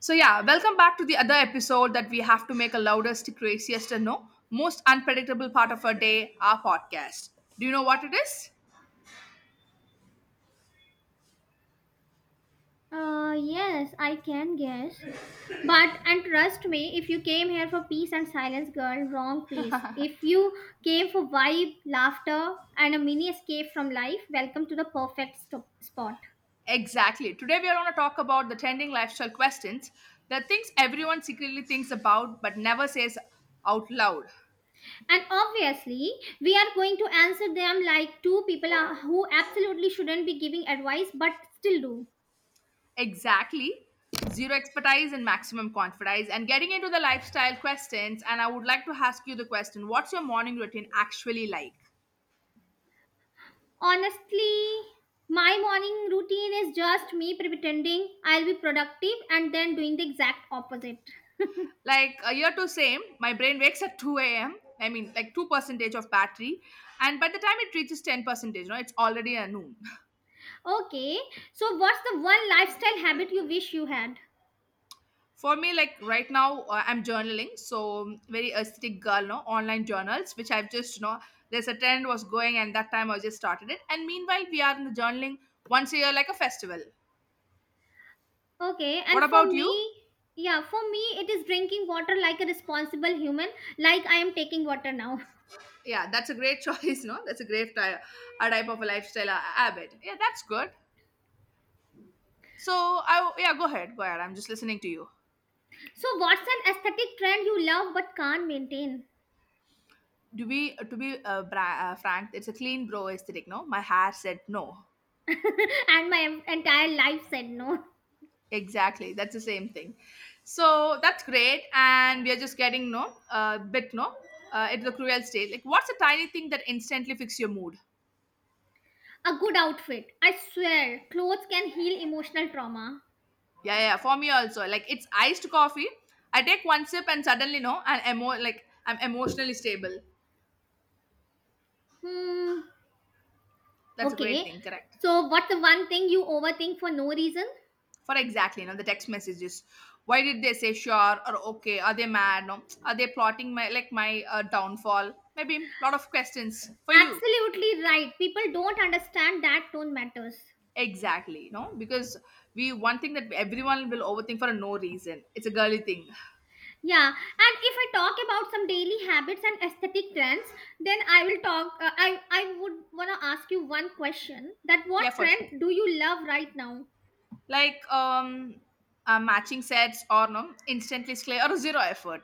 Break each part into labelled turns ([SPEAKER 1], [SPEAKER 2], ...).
[SPEAKER 1] So yeah, welcome back to the other episode that we have to make a loudest, craziest, and no most unpredictable part of our day, our podcast. Do you know what it is?
[SPEAKER 2] Yes, I can guess. But, and trust me, if you came here for peace and silence, girl, wrong place. If you came for vibe, laughter, and a mini escape from life, welcome to the perfect spot.
[SPEAKER 1] Exactly. Today we are going to talk about the trending lifestyle questions, the things everyone secretly thinks about but never says out loud.
[SPEAKER 2] And obviously, we are going to answer them like two people who absolutely shouldn't be giving advice but still do.
[SPEAKER 1] Exactly. Zero expertise and maximum confidence. And getting into the lifestyle questions, and I would like to ask you the question: what's your morning routine actually like?
[SPEAKER 2] Honestly, my morning routine is just me pretending I'll be productive and then doing the exact opposite.
[SPEAKER 1] Like a year to same, my brain wakes at 2 a.m. I mean, like 2 percentage of battery, and by the time it reaches 10 percentage, it's already a noon.
[SPEAKER 2] Okay, so what's the one lifestyle habit you wish you had?
[SPEAKER 1] For me, like right now, I'm journaling, so very aesthetic girl, no online journals, which I've just there's a trend was going, and that time I just started it, and meanwhile we are in the journaling once a year like a festival.
[SPEAKER 2] Okay,
[SPEAKER 1] What
[SPEAKER 2] and for
[SPEAKER 1] about you?
[SPEAKER 2] me, yeah, it is drinking water like a responsible human, like I am taking water now.
[SPEAKER 1] Yeah, that's a great choice. No, that's a great type, a type of a lifestyle habit. Yeah, that's good. So I, yeah, go ahead, go ahead, I'm just listening to you.
[SPEAKER 2] So, what's an aesthetic trend you love but can't maintain?
[SPEAKER 1] To be frank, it's a clean bro aesthetic, no, my hair said no.
[SPEAKER 2] And my entire life said no.
[SPEAKER 1] Exactly, that's the same thing. So that's great, and we are just getting, no, bit, no, it's the cruel state. Like, what's a tiny thing that instantly fix your mood?
[SPEAKER 2] A good outfit. I swear, clothes can heal emotional trauma.
[SPEAKER 1] Yeah, for me also, like it's iced coffee. I take one sip and suddenly, no, and emo, like I'm emotionally stable.
[SPEAKER 2] Hmm.
[SPEAKER 1] That's a great
[SPEAKER 2] Okay.
[SPEAKER 1] thing, correct.
[SPEAKER 2] So, what's the one thing you overthink for no reason?
[SPEAKER 1] For exactly, you know, the text messages. Why did they say sure or okay? Are they mad? No, are they plotting my, like my downfall? Maybe a lot of questions for you.
[SPEAKER 2] Absolutely right. People don't understand that tone matters.
[SPEAKER 1] Exactly, you know, because we, one thing that everyone will overthink for no reason. It's a girly thing.
[SPEAKER 2] Yeah, and if I talk about some daily habits and aesthetic trends, then I will talk. I would wanna ask you one question: that what
[SPEAKER 1] Yeah, for sure.
[SPEAKER 2] trend do you love right now?
[SPEAKER 1] Like matching sets, or no, instantly slay or zero effort.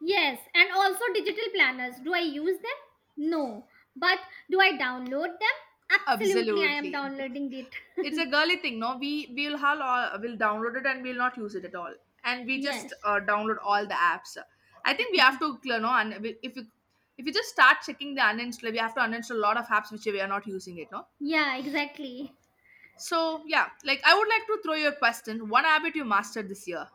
[SPEAKER 2] Yes, and also digital planners. Do I use them? No, but do I download them? Absolutely, I am
[SPEAKER 1] Absolutely.
[SPEAKER 2] downloading it.
[SPEAKER 1] It's a girly thing. No, we'll have all, we'll download it and we'll not use it at all, and we just
[SPEAKER 2] Yes.
[SPEAKER 1] download all the apps. I think we have to, you know, and if you, if you just start checking the uninstall, we have to uninstall a lot of apps which we are not using it, no.
[SPEAKER 2] Yeah, exactly.
[SPEAKER 1] So yeah, like I would like to throw you a question: one habit you mastered this year.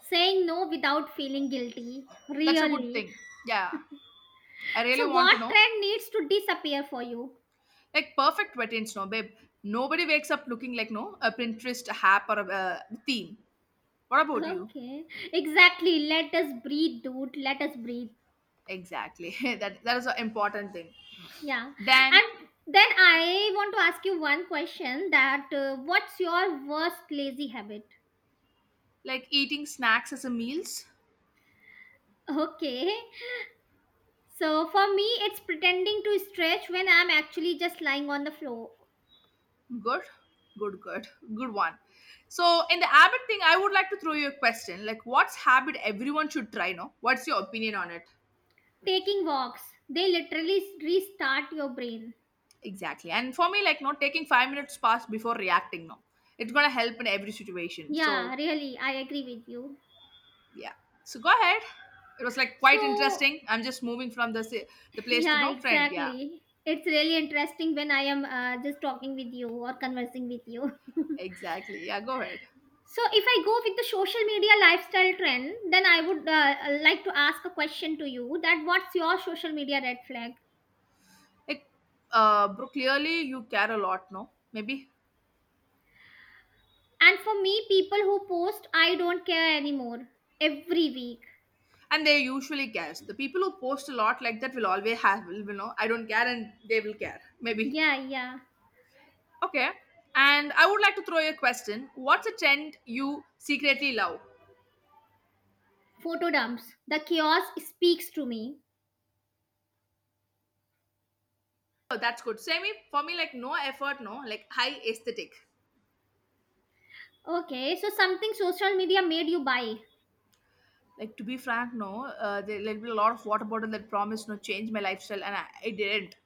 [SPEAKER 2] Saying no without feeling guilty.
[SPEAKER 1] That's a good
[SPEAKER 2] Really.
[SPEAKER 1] thing. Yeah, I really
[SPEAKER 2] So,
[SPEAKER 1] want
[SPEAKER 2] what
[SPEAKER 1] to know.
[SPEAKER 2] trend needs to disappear for you?
[SPEAKER 1] Like perfect routines, no babe, nobody wakes up looking like, no, a Pinterest app or a theme. What about you?
[SPEAKER 2] Okay, exactly. Let us breathe, dude. Let us breathe.
[SPEAKER 1] Exactly. That, that is an important thing.
[SPEAKER 2] Yeah.
[SPEAKER 1] Then,
[SPEAKER 2] And then I want to ask you one question that what's your worst lazy habit?
[SPEAKER 1] like eating snacks as a meals.
[SPEAKER 2] Okay. So for me, it's pretending to stretch when I'm actually just lying on the floor.
[SPEAKER 1] Good, good, good, good one. So, in the habit thing, I would like to throw you a question. Like, what's habit everyone should try? No, what's your opinion on it?
[SPEAKER 2] Taking walks, they literally restart your brain.
[SPEAKER 1] Exactly. And for me, like, not taking 5 minutes past before reacting. No, it's gonna help in every situation.
[SPEAKER 2] Yeah,
[SPEAKER 1] So,
[SPEAKER 2] really, I agree with you.
[SPEAKER 1] yeah. So go ahead. It was like quite
[SPEAKER 2] So,
[SPEAKER 1] interesting. I'm just moving from the the place to
[SPEAKER 2] yeah,
[SPEAKER 1] no friend. Yeah,
[SPEAKER 2] exactly. It's really interesting when I am just talking with you or conversing with you.
[SPEAKER 1] exactly. Yeah, go ahead.
[SPEAKER 2] So, if I go with the social media lifestyle trend, then I would like to ask a question to you that what's your social media red flag?
[SPEAKER 1] Like, bro, clearly you care a lot. No, maybe.
[SPEAKER 2] And for me, people who post, I don't care anymore every week.
[SPEAKER 1] And they usually cares the people who post a lot, like that will always have will, you know, I don't care, and they will care maybe.
[SPEAKER 2] Yeah, yeah.
[SPEAKER 1] Okay, and I would like to throw you a question: what's a trend you secretly love?
[SPEAKER 2] Photo dumps. The chaos speaks to me.
[SPEAKER 1] Oh, that's good, same. For me like, no effort, no, like high aesthetic.
[SPEAKER 2] Okay, so something social media made you buy.
[SPEAKER 1] Like to be frank, no, there will be a lot of water bottle that promised, no, change my lifestyle, and I didn't.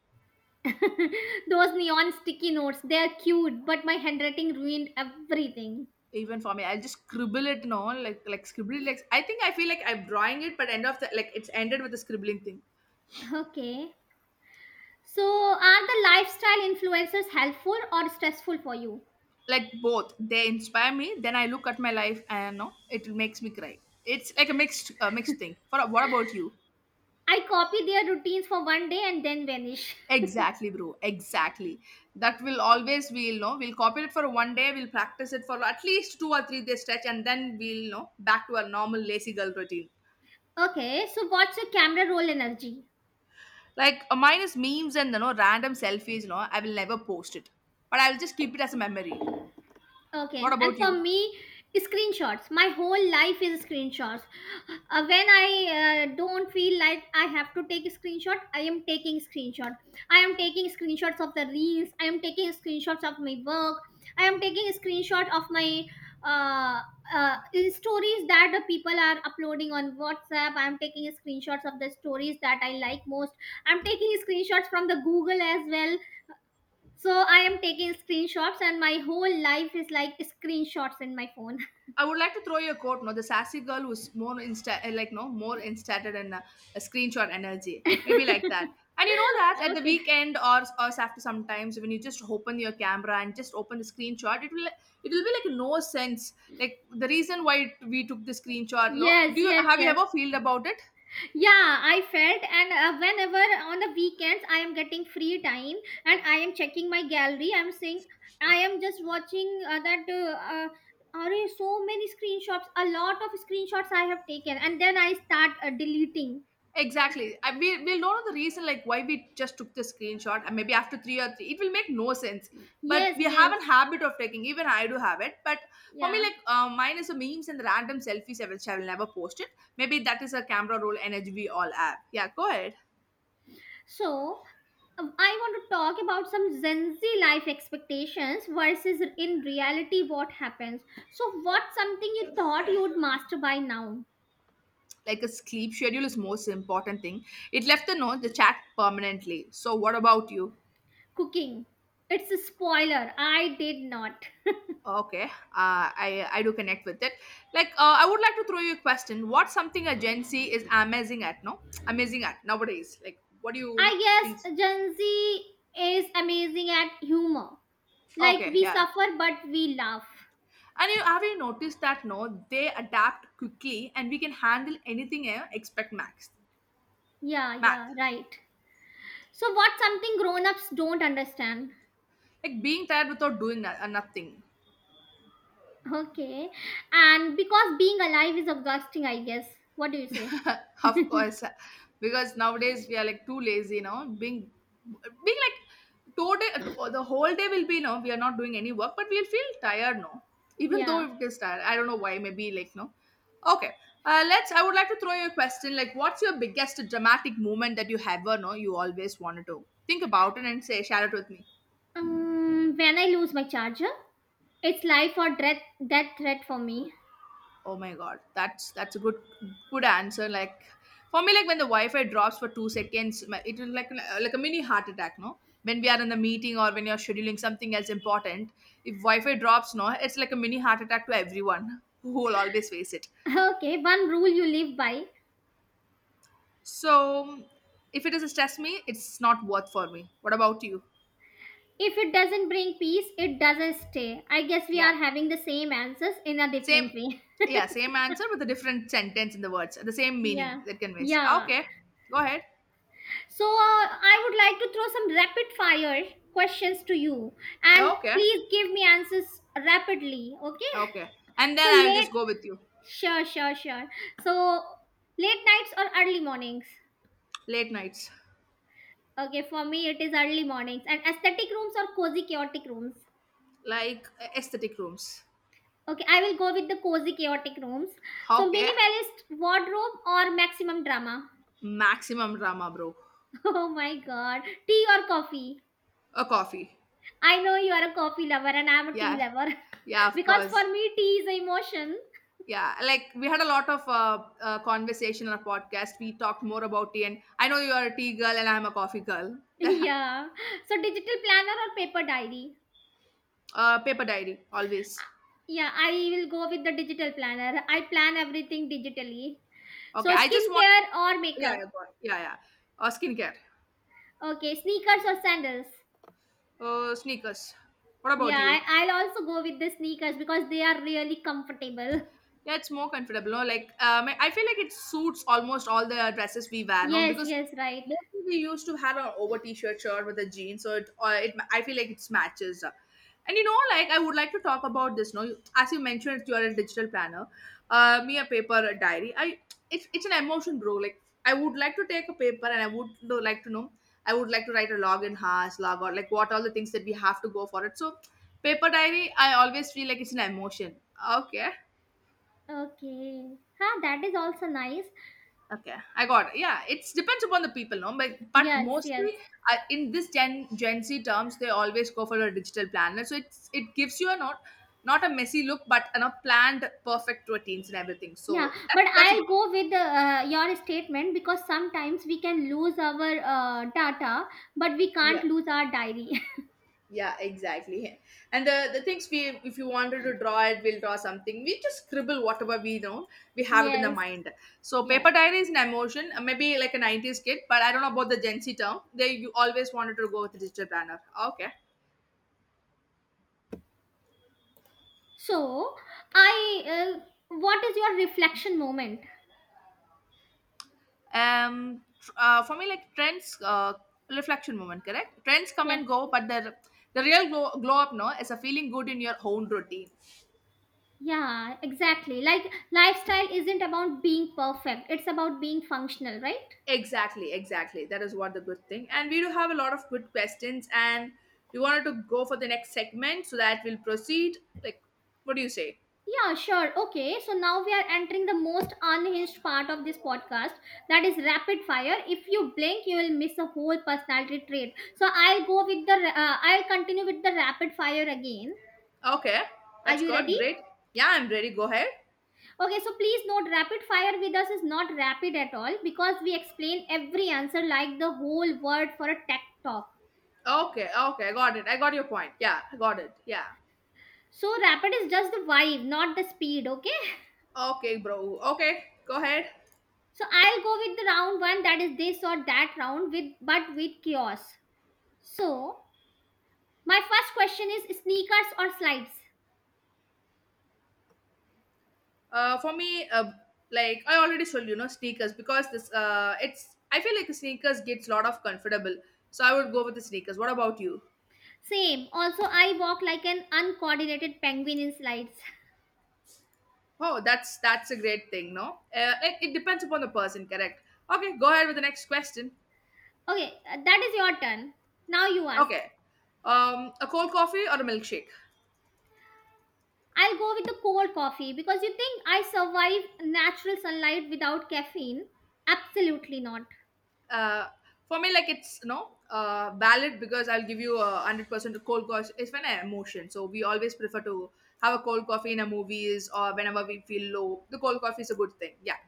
[SPEAKER 2] Those neon sticky notes, they're cute, but my handwriting ruined everything.
[SPEAKER 1] Even for me, I'll just scribble it, no, like, like scribble it, like I think I feel like I'm drawing it, but end of the, like, it's ended with the scribbling thing.
[SPEAKER 2] Okay. So, are the lifestyle influencers helpful or stressful for you?
[SPEAKER 1] Like both, they inspire me, then I look at my life and, no, it makes me cry. It's like a mixed mixed thing for, what about you?
[SPEAKER 2] I copy their routines for one day and then vanish.
[SPEAKER 1] Exactly bro, exactly. That will always, we'll know, we'll copy it for one day, we'll practice it for at least 2 or 3 days stretch, and then we'll know back to our normal lazy girl routine.
[SPEAKER 2] Okay, so what's your camera roll energy?
[SPEAKER 1] Like, mine is memes, and you know, random selfies, you know, I will never post it, but I'll just keep it as a memory. What
[SPEAKER 2] Okay, and
[SPEAKER 1] about
[SPEAKER 2] for
[SPEAKER 1] you?
[SPEAKER 2] me, screenshots. My whole life is screenshots. When I don't feel like I have to take a screenshot, I am taking screenshot. I am taking screenshots of the reels. I am taking screenshots of my work. I am taking a screenshot of my uh, uh, stories that the people are uploading on WhatsApp. I am taking screenshots of the stories that I like most. I am taking screenshots from the Google as well, so I am taking screenshots, and my whole life is like screenshots in my phone.
[SPEAKER 1] I would like to throw you a quote, no, the sassy girl who's more like, no, more instated in a screenshot energy, maybe like that. And you know that at the
[SPEAKER 2] Okay.
[SPEAKER 1] weekend, or after sometimes when you just open your camera and just open the screenshot, it will be like no sense. Like the reason why we took the screenshot, low.
[SPEAKER 2] Yes,
[SPEAKER 1] Do you
[SPEAKER 2] yes,
[SPEAKER 1] have, you
[SPEAKER 2] yes.
[SPEAKER 1] ever feel about it?
[SPEAKER 2] Yeah, I felt, and whenever on the weekends I am getting free time and I am checking my gallery, I'm saying I am just watching that. Are so many screenshots? A lot of screenshots I have taken, and then I start deleting.
[SPEAKER 1] Exactly. We, we'll know the reason like why we just took the screenshot, and maybe after three or three, it will make no sense. But
[SPEAKER 2] Yes,
[SPEAKER 1] we have
[SPEAKER 2] yes,
[SPEAKER 1] a habit of taking, even I do have it. But for me,
[SPEAKER 2] yeah.
[SPEAKER 1] like mine is the memes and the random selfies I will never post it. Maybe that is a camera roll energy we all have. Yeah, go ahead.
[SPEAKER 2] So, I want to talk about some Gen Z life expectations versus in reality what happens. So,
[SPEAKER 1] Oh,
[SPEAKER 2] what's something you thought you would master by now?
[SPEAKER 1] like a sleep schedule is most important thing. It left the note, the chat permanently. So what about you?
[SPEAKER 2] Cooking. It's a spoiler. I did not.
[SPEAKER 1] Okay, I do connect with it. Like, I would like to throw you a question. What's something a Gen Z is amazing at? No, amazing at nowadays. Like, what do you know?
[SPEAKER 2] I
[SPEAKER 1] In,
[SPEAKER 2] guess Gen Z is amazing at humor. Like
[SPEAKER 1] okay,
[SPEAKER 2] we
[SPEAKER 1] yeah.
[SPEAKER 2] suffer, but we laugh.
[SPEAKER 1] And you have, you noticed that? No, they adapt quickly, and we can handle anything. Expect max
[SPEAKER 2] Yeah, yeah,
[SPEAKER 1] math.
[SPEAKER 2] right. So, what's something grown ups don't understand?
[SPEAKER 1] Like being tired without doing nothing.
[SPEAKER 2] Okay. And because being alive is exhausting, I guess. What do you say?
[SPEAKER 1] Of course, because nowadays we are like too lazy, now being, being like, today the whole day will be, no, we are not doing any work, but we'll feel tired, no, even though
[SPEAKER 2] Yeah.
[SPEAKER 1] it is tired, I don't know why, maybe like no. Okay, let's, I would like to throw you a question, like, what's your biggest dramatic moment that you ever, no, you always wanted to think about it and say, share it with me.
[SPEAKER 2] When I lose my charger, it's life or death threat for me.
[SPEAKER 1] Oh my god, that's a good good answer. Like for me, like when the Wi-Fi drops for 2 seconds, it will like a mini heart attack. No, when we are in the meeting, or when you're scheduling something else important, if Wi-Fi drops, no, it's like a mini heart attack to everyone who will always face it.
[SPEAKER 2] Okay, one rule you live by.
[SPEAKER 1] So if it doesn't stress me, it's not worth for me. What about you?
[SPEAKER 2] If it doesn't bring peace, it doesn't stay. I guess we are
[SPEAKER 1] Yeah,
[SPEAKER 2] having the same answers in a
[SPEAKER 1] same.
[SPEAKER 2] different way.
[SPEAKER 1] Yeah, same answer with a different sentence in the words, the same meaning
[SPEAKER 2] Yeah.
[SPEAKER 1] that conveys.
[SPEAKER 2] Yeah.
[SPEAKER 1] Okay, go ahead.
[SPEAKER 2] So I would like to throw some rapid fire questions to you, and
[SPEAKER 1] Okay,
[SPEAKER 2] please give me answers rapidly, okay?
[SPEAKER 1] okay, and
[SPEAKER 2] So
[SPEAKER 1] then I will
[SPEAKER 2] late
[SPEAKER 1] just go with you.
[SPEAKER 2] Sure, sure, sure. So, late nights or early mornings?
[SPEAKER 1] Late nights.
[SPEAKER 2] Okay, for me it is early mornings. And aesthetic rooms or cozy chaotic rooms?
[SPEAKER 1] Like aesthetic rooms.
[SPEAKER 2] Okay, I will go with the cozy chaotic rooms. So,
[SPEAKER 1] Okay,
[SPEAKER 2] minimalist wardrobe or maximum drama?
[SPEAKER 1] maximum drama bro.
[SPEAKER 2] Oh my god. Tea or coffee?
[SPEAKER 1] A coffee.
[SPEAKER 2] I know you are a coffee lover and I am a tea
[SPEAKER 1] Yeah,
[SPEAKER 2] lover.
[SPEAKER 1] yeah, of
[SPEAKER 2] Because
[SPEAKER 1] course.
[SPEAKER 2] for me tea is a emotion.
[SPEAKER 1] Yeah, like we had a lot of conversation on a podcast. We talked more about tea, and I know you are a tea girl and I'm a coffee girl.
[SPEAKER 2] Yeah. So, digital planner or paper diary?
[SPEAKER 1] Paper diary always.
[SPEAKER 2] Yeah, I will go with the digital planner. I plan everything digitally. So,
[SPEAKER 1] Okay, I just want,
[SPEAKER 2] skincare or
[SPEAKER 1] yeah yeah,
[SPEAKER 2] makeup?
[SPEAKER 1] go on. Yeah, yeah. Skincare.
[SPEAKER 2] Okay, sneakers or sandals?
[SPEAKER 1] Sneakers. What
[SPEAKER 2] Yeah,
[SPEAKER 1] about you?
[SPEAKER 2] I'll also go with the sneakers because they are really comfortable.
[SPEAKER 1] Yeah, it's more comfortable. No, like I feel like it suits almost all the dresses we wear. No,
[SPEAKER 2] Yes,
[SPEAKER 1] because
[SPEAKER 2] yes, right.
[SPEAKER 1] mostly we used to have our over t-shirt shirt with the jeans, so it, it, I feel like it matches. And you know, like I would like to talk about this. No, as you mentioned, you are a digital planner. Me a paper a diary. I it's an emotion, bro. Like I would like to take a paper, and I would like to know. I would like to write a log in has log, or like what all the things that we have to go for it. So paper diary, I always feel like it's an emotion. Okay.
[SPEAKER 2] Okay. Huh, that is also nice.
[SPEAKER 1] Okay, I got it. Yeah, it depends upon the people, no? But
[SPEAKER 2] Yes,
[SPEAKER 1] mostly
[SPEAKER 2] yes.
[SPEAKER 1] in this Gen Z terms, they always go for a digital planner. So it's, it gives you a not, not a messy look, but you know, planned, perfect routines and everything.
[SPEAKER 2] Yeah,
[SPEAKER 1] So that's
[SPEAKER 2] but
[SPEAKER 1] that's a
[SPEAKER 2] I'll
[SPEAKER 1] good thing.
[SPEAKER 2] go with your statement because sometimes we can lose our data, but we can't
[SPEAKER 1] Yeah,
[SPEAKER 2] lose our diary.
[SPEAKER 1] yeah, exactly. And the things we, if you wanted to draw it, we'll draw something. We just scribble whatever we know. We have it in the
[SPEAKER 2] Yes,
[SPEAKER 1] mind. So paper
[SPEAKER 2] yeah.
[SPEAKER 1] diary is an emotion, maybe like a '90s kid, but I don't know about the Gen Z term. They, you always wanted to go with the digital planner. Okay.
[SPEAKER 2] So, I, uh, what is your reflection moment?
[SPEAKER 1] For me, like, trends reflection moment, correct, trends come
[SPEAKER 2] Yeah,
[SPEAKER 1] and go, but the real glow up, no, is a feeling good in your own routine.
[SPEAKER 2] yeah, exactly. Like, lifestyle isn't about being perfect, it's about being functional, right?
[SPEAKER 1] Exactly, exactly, that is what the good thing, and we do have a lot of good questions, and we wanted to go for the next segment, so that we'll proceed, like, what do you say?
[SPEAKER 2] Yeah, sure. Okay, so now we are entering the most unhinged part of this podcast, that is rapid fire. If you blink, you will miss a whole personality trait. So I'll go with I'll continue with the rapid fire again.
[SPEAKER 1] Okay,
[SPEAKER 2] Are
[SPEAKER 1] that's
[SPEAKER 2] you
[SPEAKER 1] good,
[SPEAKER 2] ready?
[SPEAKER 1] great. Yeah, I'm ready, go ahead.
[SPEAKER 2] Okay, so please note rapid fire with us is not rapid at all because we explain every answer like the whole word for a tech talk.
[SPEAKER 1] Okay, okay, I got it, I got your point, yeah, I got it, yeah.
[SPEAKER 2] So rapid is just the vibe, not the speed, okay?
[SPEAKER 1] Okay, bro, okay, go ahead.
[SPEAKER 2] So I'll go with the round one, that is this or that round with but with chaos. So, my first question is sneakers or slides?
[SPEAKER 1] For me, like I already told you, know, sneakers because this it's I feel like sneakers gets a lot of comfortable. So I would go with the sneakers. What about you?
[SPEAKER 2] Same. Also, I walk like an uncoordinated penguin in slides.
[SPEAKER 1] Oh, that's a great thing, no? It depends upon the person, correct? Okay, go ahead with the next question.
[SPEAKER 2] Okay, that is your turn. Now you ask.
[SPEAKER 1] Okay, a cold coffee or a milkshake?
[SPEAKER 2] I'll go with the cold coffee because you think I survive natural sunlight without caffeine? Absolutely not.
[SPEAKER 1] Uh, for me, like it's no valid because I'll give you 100% a cold coffee. It's when I emotion, so we always prefer to have a cold coffee in a movies or whenever we feel low. The cold coffee is a good thing. Yeah.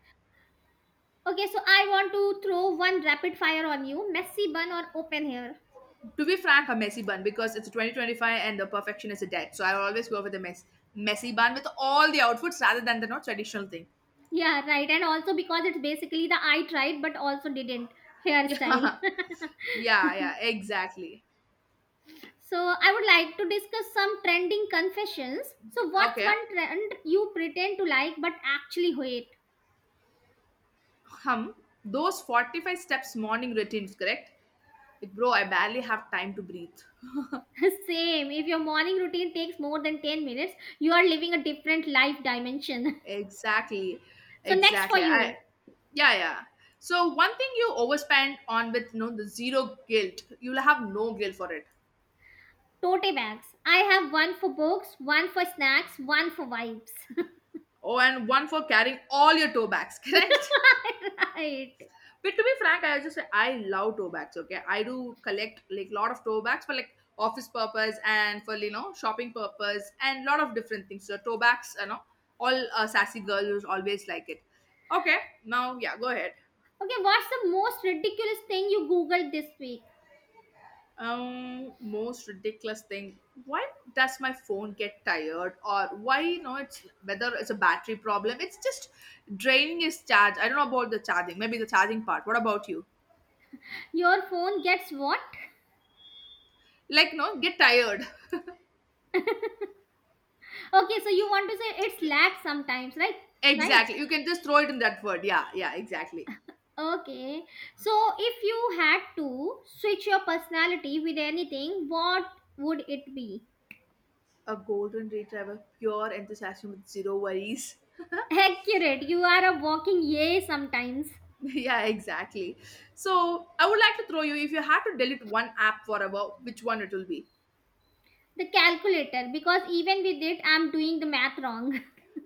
[SPEAKER 2] Okay, so I want to throw one rapid fire on you, messy bun or open hair?
[SPEAKER 1] To be frank, a messy bun because it's 2025 and the perfection is a dead. So I always go with the messy bun with all the outfits rather than the not traditional thing.
[SPEAKER 2] Yeah, right. And also because it's basically the I tried but also didn't hairstyle.
[SPEAKER 1] Yeah, yeah, yeah, exactly.
[SPEAKER 2] So I would like to discuss some trending confessions. So what's
[SPEAKER 1] Okay.
[SPEAKER 2] one trend you pretend to like but actually hate?
[SPEAKER 1] Hum, those 45 steps morning routines, correct? Like, bro, I barely have time to breathe.
[SPEAKER 2] Same. If your morning routine takes more than 10 minutes, you are living a different life dimension.
[SPEAKER 1] Exactly,
[SPEAKER 2] So next for
[SPEAKER 1] exactly.
[SPEAKER 2] you,
[SPEAKER 1] Yeah, yeah. So one thing you overspend on with no the zero guilt, you'll have no guilt for it.
[SPEAKER 2] tote bags. I have one for books, one for snacks, one for vibes.
[SPEAKER 1] Oh, and one for carrying all your toe bags, correct?
[SPEAKER 2] Right.
[SPEAKER 1] But to be frank, I just say I love tote bags. Okay, I do collect like lot of tote bags for like office purpose and for shopping purpose and lot of different things. So tote bags, all sassy girls always like it. Okay, now yeah, go ahead.
[SPEAKER 2] Okay, what's the most ridiculous thing you googled this week?
[SPEAKER 1] Most ridiculous thing. Why does my phone get tired, or why it's whether it's a battery problem? It's just draining its charge. I don't know about the charging. Maybe the charging part. What about you?
[SPEAKER 2] Your phone gets what?
[SPEAKER 1] Like no, get tired.
[SPEAKER 2] Okay, so you want to say it's lag sometimes, right? Right.
[SPEAKER 1] Exactly. You can just throw it in that word. Yeah, yeah, exactly.
[SPEAKER 2] Okay, so if you had to switch your personality with anything, what would it be?
[SPEAKER 1] A golden retriever, pure enthusiasm with zero worries.
[SPEAKER 2] Accurate, you are a walking yay sometimes.
[SPEAKER 1] Yeah, exactly. So I would like to throw you, if you had to delete one app forever, which one it will be?
[SPEAKER 2] The calculator, because even with it, I'm doing the math wrong.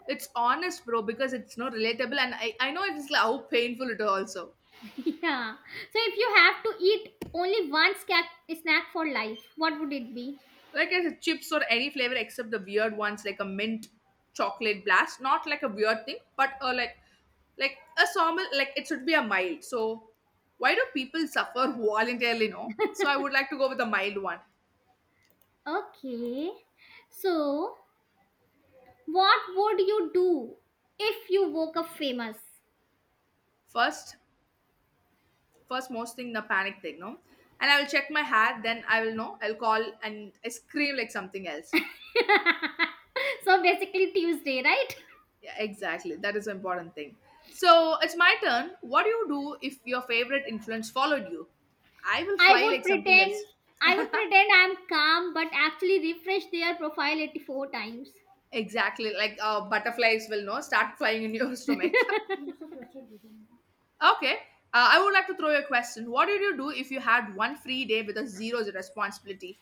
[SPEAKER 1] It's honest, bro, because it's not relatable and I know it's like how painful it also.
[SPEAKER 2] Yeah, so if you have to eat only one snack for life, what would it be?
[SPEAKER 1] Like as chips or any flavor except the weird ones like a mint chocolate blast, not like a weird thing but a like a sawmill, like it should be a mild. So why do people suffer voluntarily, no? So I would like to go with a mild one.
[SPEAKER 2] Okay, so what would you do if you woke up famous?
[SPEAKER 1] First first most thing, the panic thing, no, and I will check my hat, then I will know, I'll call and I scream like something else.
[SPEAKER 2] So basically, Tuesday, right?
[SPEAKER 1] Yeah, exactly, that is an important thing. So it's my turn, what do you do if your favorite influence followed you? I will
[SPEAKER 2] I
[SPEAKER 1] fly
[SPEAKER 2] would
[SPEAKER 1] like something
[SPEAKER 2] pretend
[SPEAKER 1] else.
[SPEAKER 2] I would pretend I'm calm but actually refresh their profile 84 times.
[SPEAKER 1] Exactly, like butterflies will know start flying in your stomach. Okay, I would like to throw you a question. What did you do if you had one free day with a zero responsibility?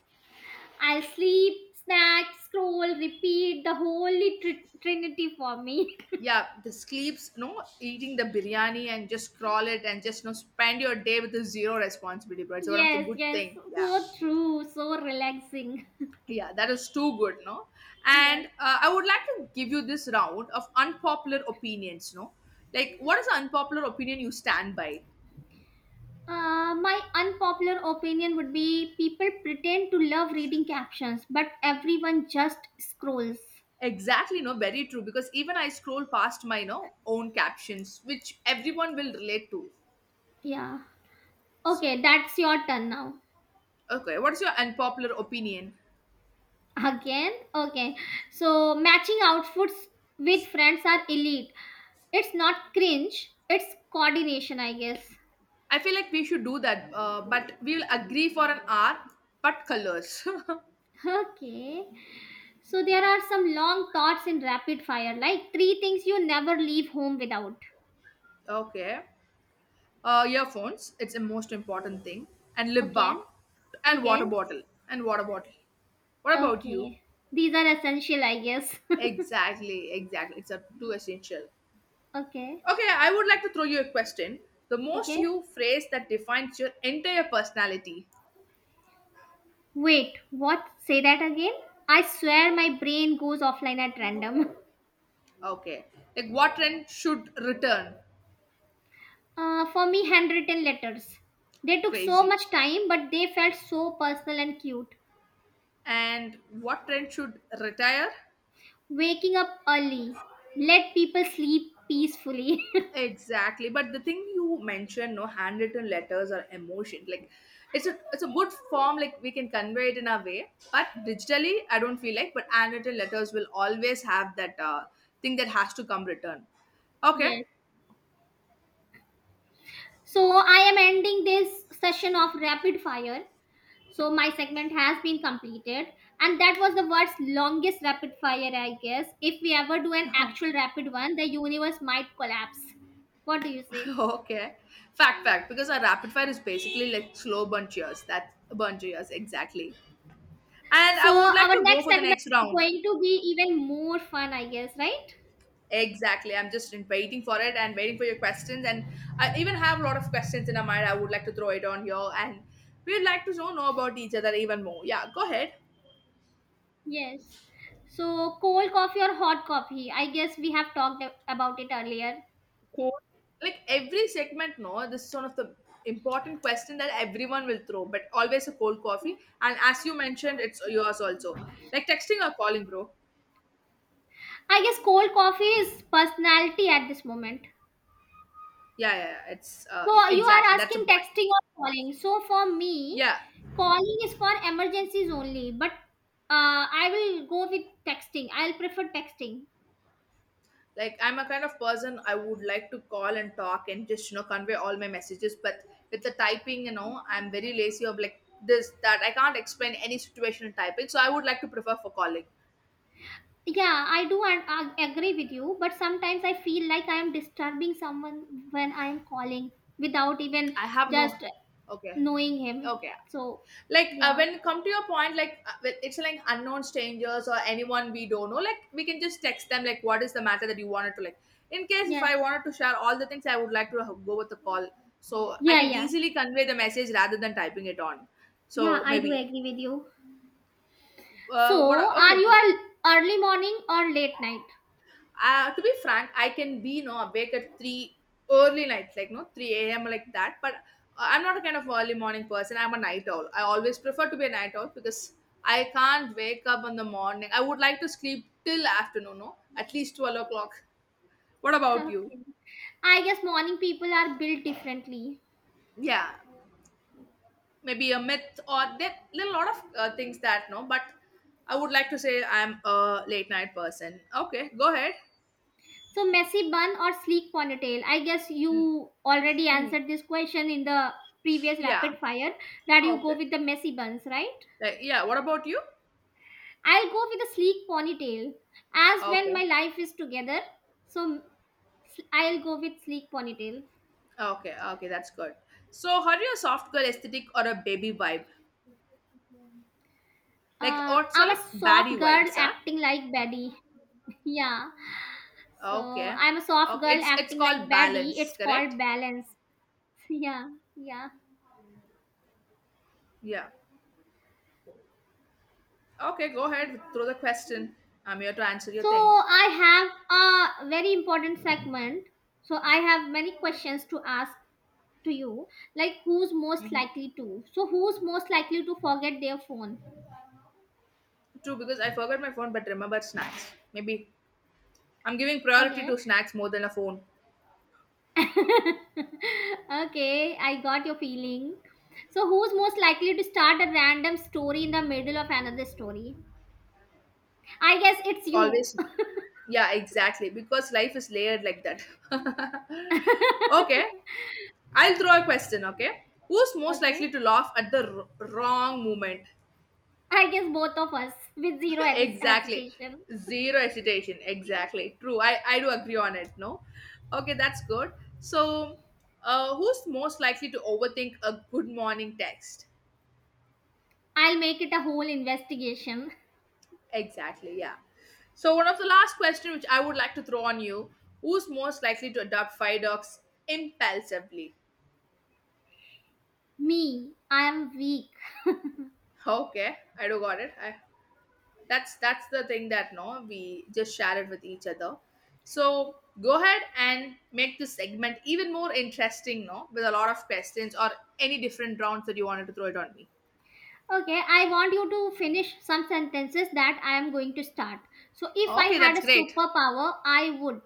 [SPEAKER 2] I'll sleep, snack, scroll, repeat the holy trinity for me.
[SPEAKER 1] Yeah, the sleeps, no, eating the biryani and just scroll it and just no spend your day with a zero responsibility, bro. It's one of the
[SPEAKER 2] Yes,
[SPEAKER 1] good
[SPEAKER 2] yes,
[SPEAKER 1] thing. Yeah,
[SPEAKER 2] so true, so relaxing.
[SPEAKER 1] yeah, that is too good, no.
[SPEAKER 2] Yes.
[SPEAKER 1] And I would like to give you this round of unpopular opinions, no. Like, what is the unpopular opinion you stand by?
[SPEAKER 2] My unpopular opinion would be people pretend to love reading captions, but everyone just scrolls.
[SPEAKER 1] Exactly, no, very true. Because even I scroll past my no own captions, which everyone will relate to.
[SPEAKER 2] Yeah.
[SPEAKER 1] So,
[SPEAKER 2] Okay, that's your turn now.
[SPEAKER 1] okay, what's your unpopular opinion?
[SPEAKER 2] Again, okay. So matching outfits with friends are elite. It's not cringe, it's coordination, I guess.
[SPEAKER 1] I feel like we should do that, but we'll agree for an hour, but colors.
[SPEAKER 2] Okay. So there are some long thoughts in rapid fire, like three things you never leave home without.
[SPEAKER 1] Okay, earphones. It's the most important thing, and lip
[SPEAKER 2] Okay.
[SPEAKER 1] balm, and
[SPEAKER 2] Okay.
[SPEAKER 1] water bottle, and water bottle. What about you?
[SPEAKER 2] Okay. These are essential, I guess.
[SPEAKER 1] Exactly, exactly. It's a too essential.
[SPEAKER 2] Okay.
[SPEAKER 1] Okay, I would like to throw you a question. The most
[SPEAKER 2] Okay.
[SPEAKER 1] you phrase that defines your entire personality.
[SPEAKER 2] Wait, what? Say that again? I swear my brain goes offline at random.
[SPEAKER 1] Okay. Like, what trend should return?
[SPEAKER 2] For me, handwritten letters. They took so
[SPEAKER 1] Crazy.
[SPEAKER 2] much time, but they felt so personal and cute.
[SPEAKER 1] And what trend should retire?
[SPEAKER 2] Waking up early, let people sleep peacefully.
[SPEAKER 1] Exactly. But the thing you mentioned, no, handwritten letters or emotion, like it's a good form, like we can convey it in our way. But digitally, I don't feel like, but handwritten letters will always have that thing that has to come return. Okay.
[SPEAKER 2] Yes. So I am ending this session of rapid fire. So my segment has been completed, and that was the world's longest rapid fire, I guess. If we ever do an actual rapid one, the universe might collapse. What do you say?
[SPEAKER 1] Okay. Fact, fact. Because our rapid fire is basically like slow bunch years. That's a bunch of years, exactly. And
[SPEAKER 2] So
[SPEAKER 1] I would like
[SPEAKER 2] our
[SPEAKER 1] to go
[SPEAKER 2] next
[SPEAKER 1] for the
[SPEAKER 2] segment
[SPEAKER 1] next
[SPEAKER 2] is
[SPEAKER 1] round.
[SPEAKER 2] going to be even more fun, I guess, right?
[SPEAKER 1] Exactly. I'm just waiting for it and waiting for your questions. And I even have a lot of questions in my mind. I would like to throw it on here. And we'd like to know about each other even more. Yeah, go ahead.
[SPEAKER 2] Yes. So, cold coffee or hot coffee? I guess we have talked about it earlier.
[SPEAKER 1] Cool. Like every segment, no, this is one of the important question that everyone will throw, but always a cold coffee. And as you mentioned, it's yours also. Like texting or calling, bro.
[SPEAKER 2] I guess cold coffee is personality at this moment.
[SPEAKER 1] Yeah, yeah, yeah, it's
[SPEAKER 2] So you are
[SPEAKER 1] exactly, that's the
[SPEAKER 2] asking
[SPEAKER 1] point.
[SPEAKER 2] texting or calling. So for me,
[SPEAKER 1] Yeah,
[SPEAKER 2] calling is for emergencies only, but I will go with texting. I'll prefer texting.
[SPEAKER 1] like I'm a kind of person I would like to call and talk and just convey all my messages, but with the typing, I'm very lazy of like this that I can't explain any situation in typing, so I would like to prefer for calling.
[SPEAKER 2] Yeah, I do and I agree with you, but sometimes I feel like I am disturbing someone when I am calling without even
[SPEAKER 1] I have
[SPEAKER 2] just
[SPEAKER 1] no. Okay,
[SPEAKER 2] knowing him.
[SPEAKER 1] okay.
[SPEAKER 2] So,
[SPEAKER 1] Like
[SPEAKER 2] yeah.
[SPEAKER 1] when come to your point, like when it's like unknown strangers or anyone we don't know, like we can just text them, like what is the matter that you wanted to, like in case if I
[SPEAKER 2] Yes.
[SPEAKER 1] wanted to share all the things I would like to go with the call, so I
[SPEAKER 2] Yeah,
[SPEAKER 1] can
[SPEAKER 2] yeah.
[SPEAKER 1] easily convey the message rather than typing it on. So
[SPEAKER 2] Yeah, I do
[SPEAKER 1] maybe
[SPEAKER 2] agree with you.
[SPEAKER 1] what
[SPEAKER 2] So, are
[SPEAKER 1] okay
[SPEAKER 2] you a early morning or late night?
[SPEAKER 1] to be frank, I can be no awake at 3 early nights like no 3 a.m like that, but I'm not a kind of early morning person, I'm a night owl, I always prefer to be a night owl because I can't wake up in the morning, I would like to sleep till afternoon, no, at least 12 o'clock. What about you?
[SPEAKER 2] Okay. I guess morning people are built differently.
[SPEAKER 1] Yeah, maybe a myth, or there are a lot of things that no, but I would like to say I'm a late night person. Okay, go ahead.
[SPEAKER 2] So, messy bun or sleek ponytail? I guess
[SPEAKER 1] Mm,
[SPEAKER 2] you already
[SPEAKER 1] mm,
[SPEAKER 2] answered this question in the previous
[SPEAKER 1] yeah,
[SPEAKER 2] rapid fire, that you go
[SPEAKER 1] okay.
[SPEAKER 2] with the messy buns, right?
[SPEAKER 1] Like, yeah, what about you?
[SPEAKER 2] I'll go with a sleek ponytail as when
[SPEAKER 1] Okay.
[SPEAKER 2] my life is together. So, I'll go with sleek ponytail.
[SPEAKER 1] Okay, okay, that's good. So, how do you soft girl aesthetic or a baby vibe? Like,
[SPEAKER 2] Uh,
[SPEAKER 1] or so
[SPEAKER 2] I'm a
[SPEAKER 1] like
[SPEAKER 2] soft
[SPEAKER 1] baddie
[SPEAKER 2] girl
[SPEAKER 1] vibes, huh?
[SPEAKER 2] acting like Betty. Yeah. So
[SPEAKER 1] Okay,
[SPEAKER 2] I'm a soft
[SPEAKER 1] okay,
[SPEAKER 2] girl
[SPEAKER 1] it's
[SPEAKER 2] acting like
[SPEAKER 1] called
[SPEAKER 2] Betty.
[SPEAKER 1] balance,
[SPEAKER 2] It's called
[SPEAKER 1] correct?
[SPEAKER 2] balance. Yeah. Yeah.
[SPEAKER 1] Yeah. Okay, go ahead, throw the question. I'm here to answer your
[SPEAKER 2] So
[SPEAKER 1] thing.
[SPEAKER 2] I have a very important segment. So I have many questions to ask to you, like who's most
[SPEAKER 1] Mm-hmm.
[SPEAKER 2] likely to. So who's most likely to forget their phone?
[SPEAKER 1] True, because I forgot my phone, but remember snacks. Maybe I'm giving priority
[SPEAKER 2] Okay.
[SPEAKER 1] to snacks more than a phone.
[SPEAKER 2] Okay, I got your feeling. So who's most likely to start a random story in the middle of another story? I guess it's you.
[SPEAKER 1] Always. Yeah, exactly. Because life is layered like that. Okay. I'll throw a question, okay? Who's most
[SPEAKER 2] Okay.
[SPEAKER 1] likely to laugh at the wrong moment?
[SPEAKER 2] I guess both of us with zero
[SPEAKER 1] Exactly.
[SPEAKER 2] hesitation.
[SPEAKER 1] Zero hesitation. Exactly. True. I do agree on it, no? Okay, that's good. So, who's most likely to overthink a good morning text?
[SPEAKER 2] I'll make it a whole investigation.
[SPEAKER 1] Exactly, yeah. So, one of the last question which I would like to throw on you, who's most likely to adopt five dogs impulsively?
[SPEAKER 2] Me, I am weak.
[SPEAKER 1] Okay, I do got it. I that's the thing that no we just share it with each other, so go ahead and make this segment even more interesting, no, with a lot of questions or any different rounds that you wanted to throw it on me.
[SPEAKER 2] Okay, I want you to finish some sentences that I am going to start. So, if I
[SPEAKER 1] Okay,
[SPEAKER 2] had
[SPEAKER 1] that's
[SPEAKER 2] a
[SPEAKER 1] great,
[SPEAKER 2] superpower, I would.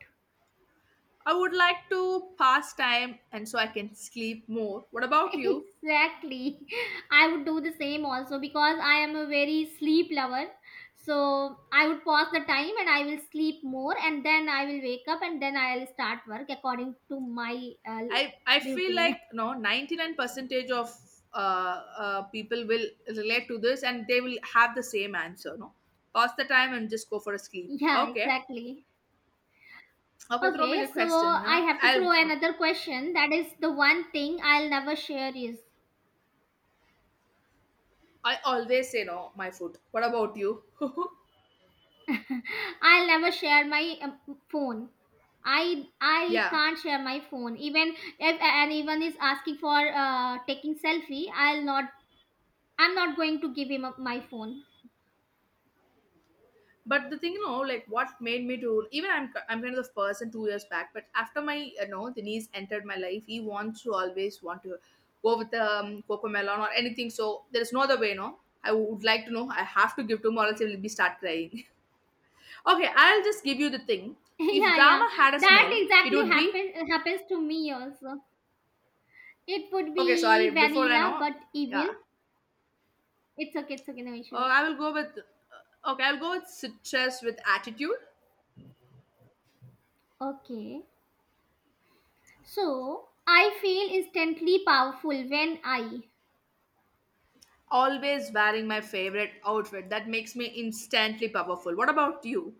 [SPEAKER 1] I would like to pass time and so I can sleep more. What about you?
[SPEAKER 2] Exactly. I would do the same also because I am a very sleep lover. So, I would pause the time and I will sleep more, and then I will wake up and then I'll start work according to my
[SPEAKER 1] I feel
[SPEAKER 2] routine.
[SPEAKER 1] like no 99 percentage of people will relate to this and they will have the same answer, no, pass the time and just go for a sleep.
[SPEAKER 2] Yeah,
[SPEAKER 1] Okay.
[SPEAKER 2] exactly.
[SPEAKER 1] Okay, throw me
[SPEAKER 2] Okay,
[SPEAKER 1] the
[SPEAKER 2] so
[SPEAKER 1] question.
[SPEAKER 2] I
[SPEAKER 1] Nah?
[SPEAKER 2] have to
[SPEAKER 1] I'll.
[SPEAKER 2] throw
[SPEAKER 1] Okay.
[SPEAKER 2] another question. That is, the one thing I'll never share is.
[SPEAKER 1] I always say no. My food. What about you?
[SPEAKER 2] I'll never share my phone. I
[SPEAKER 1] Yeah.
[SPEAKER 2] can't share my phone. Even if anyone is asking for taking selfie, I'll not. I'm not going to give him up my phone.
[SPEAKER 1] But the thing, like what made me to even I'm kind of the person 2 years back. But after my the niece entered my life, he wants to always want to go with the coco melon or anything. So there is no other way, no. I would like to know. I have to give to him or else he will be start crying. Okay, I'll just give you the thing. If
[SPEAKER 2] Yeah, yeah.
[SPEAKER 1] drama had a
[SPEAKER 2] That
[SPEAKER 1] smell, it
[SPEAKER 2] exactly
[SPEAKER 1] would be
[SPEAKER 2] happens to me also. It would
[SPEAKER 1] okay. Sorry,
[SPEAKER 2] be
[SPEAKER 1] before I
[SPEAKER 2] vanilla,
[SPEAKER 1] know,
[SPEAKER 2] but evil.
[SPEAKER 1] yeah.
[SPEAKER 2] It's okay. It's okay. No issues.
[SPEAKER 1] I will go with okay. I'll go with citrus with attitude.
[SPEAKER 2] Okay. So I feel instantly powerful when I.
[SPEAKER 1] Always wearing my favorite outfit that makes me instantly powerful. What about you?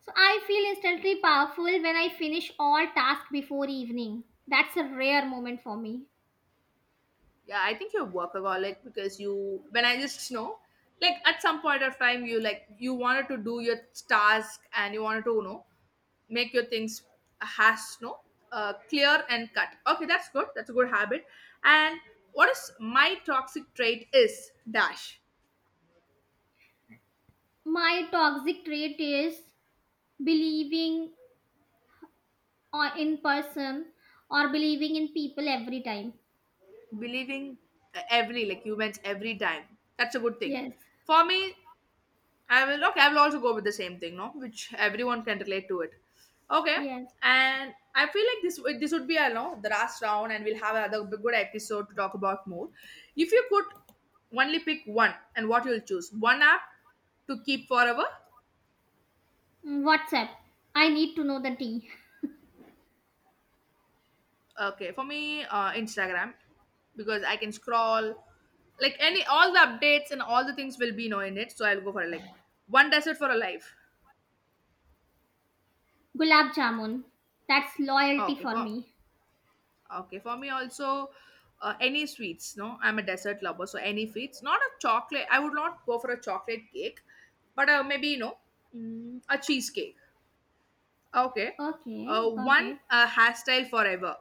[SPEAKER 2] So I feel instantly powerful when I finish all tasks before evening. That's a rare moment for me.
[SPEAKER 1] Yeah, I think you're workaholic because you. When I just know, like at some point of time, you like you wanted to do your task and you wanted to make your things has no clear and cut. Okay, that's good. That's a good habit. And what is my toxic trait is dash.
[SPEAKER 2] My toxic trait is believing, or in person, or believing in people every time.
[SPEAKER 1] Believing every like humans every time, that's a good thing
[SPEAKER 2] Yes.
[SPEAKER 1] for me. I will, okay, I will also go with the same thing, no, which everyone can relate to it. Okay.
[SPEAKER 2] Yes.
[SPEAKER 1] And I feel like this would be, I know, the last round and we'll have another good episode to talk about more. If you could only pick one, and what you'll choose one app to keep forever.
[SPEAKER 2] Mm, WhatsApp. I need to know the tea.
[SPEAKER 1] Okay, for me, Instagram, because I can scroll, like any all the updates and all the things will be in it. So I'll go for like one desert for a life.
[SPEAKER 2] Gulab jamun. That's loyalty
[SPEAKER 1] Okay,
[SPEAKER 2] for
[SPEAKER 1] for
[SPEAKER 2] me.
[SPEAKER 1] okay for me also, any sweets. No, I'm a dessert lover, so any sweets. Not a chocolate. I would not go for a chocolate cake, but maybe a cheesecake. Okay,
[SPEAKER 2] Okay, got
[SPEAKER 1] one
[SPEAKER 2] it.
[SPEAKER 1] hairstyle forever.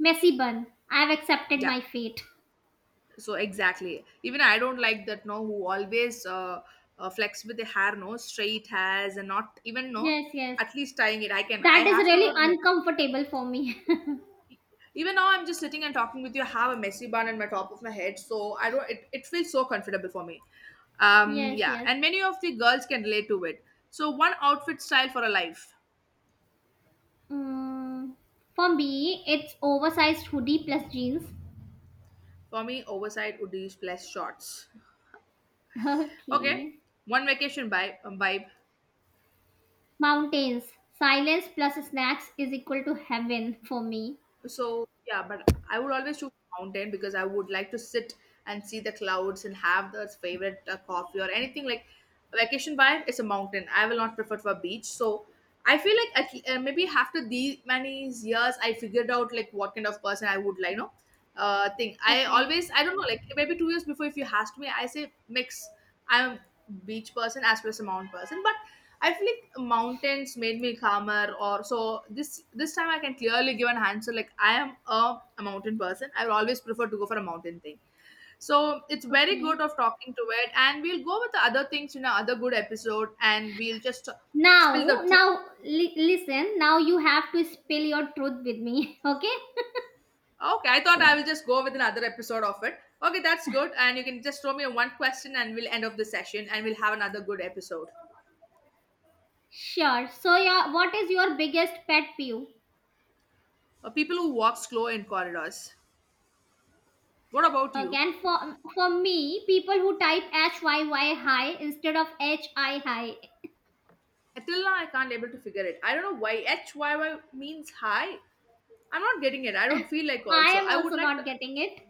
[SPEAKER 2] Messy bun. I've accepted
[SPEAKER 1] Yeah,
[SPEAKER 2] my fate.
[SPEAKER 1] so exactly, even I don't like that, no, who always flex with the hair, no, straight hairs and not even, no,
[SPEAKER 2] Yes, yes.
[SPEAKER 1] at least tying it, I can, I
[SPEAKER 2] That is
[SPEAKER 1] have to
[SPEAKER 2] really
[SPEAKER 1] not make.
[SPEAKER 2] uncomfortable for me.
[SPEAKER 1] Even now I'm just sitting and talking with you, I have a messy bun on my top of my head, so I don't, it feels so comfortable for me.
[SPEAKER 2] Yes,
[SPEAKER 1] Yeah,
[SPEAKER 2] yes.
[SPEAKER 1] and many of the girls can relate to it. So one outfit style for a life.
[SPEAKER 2] Mm, for me, it's oversized hoodie plus jeans.
[SPEAKER 1] For me, oversized hoodies plus shorts. Okay,
[SPEAKER 2] Okay.
[SPEAKER 1] one vacation vibe.
[SPEAKER 2] Mountains. Silence plus snacks is equal to heaven for me.
[SPEAKER 1] So yeah, but I would always choose mountain, because I would like to sit and see the clouds and have the favorite coffee or anything like vacation vibe. Is a mountain. I will not prefer for beach. So I feel like at, maybe after these many years, I figured out like what kind of person I would like. No, thing. I
[SPEAKER 2] Okay.
[SPEAKER 1] always, I don't know, like maybe 2 years before if you asked me, I say mix. I'm beach person as well as a mountain person. But I feel like mountains made me calmer or so, this time I can clearly give an answer like I am a mountain person. I will always prefer to go for a mountain thing. So it's very
[SPEAKER 2] Okay.
[SPEAKER 1] good of talking to it, and we'll go with the other things in another good episode, and we'll just spill
[SPEAKER 2] Now,
[SPEAKER 1] the truth.
[SPEAKER 2] now, listen. Now you have to spill your truth with me. Okay.
[SPEAKER 1] Okay, I thought I will just go with another episode of it. Okay, that's good. And you can just throw me one question and we'll end of the session and we'll have another good episode.
[SPEAKER 2] Sure. So, your what is your biggest pet peeve?
[SPEAKER 1] People who walk slow in corridors. What about you?
[SPEAKER 2] Again, for me, people who type HYY high instead of HI high.
[SPEAKER 1] Till now, I can't able to figure it. I don't know why HYY means high. I'm not getting it. I don't feel like
[SPEAKER 2] I
[SPEAKER 1] also.
[SPEAKER 2] am
[SPEAKER 1] I would
[SPEAKER 2] also
[SPEAKER 1] like
[SPEAKER 2] not
[SPEAKER 1] to.
[SPEAKER 2] getting it.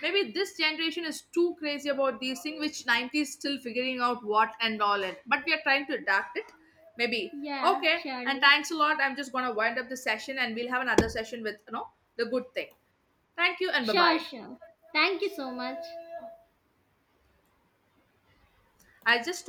[SPEAKER 1] Maybe this generation is too crazy about these things, which 90s still figuring out what and all, and but we are trying to adapt it. Maybe.
[SPEAKER 2] Yeah,
[SPEAKER 1] Okay. And
[SPEAKER 2] surely.
[SPEAKER 1] thanks a lot. I'm just going to wind up the session and we'll have another session with, you know, the good thing. Thank you and bye
[SPEAKER 2] Sure,
[SPEAKER 1] bye.
[SPEAKER 2] sure. Thank you so much.
[SPEAKER 1] I just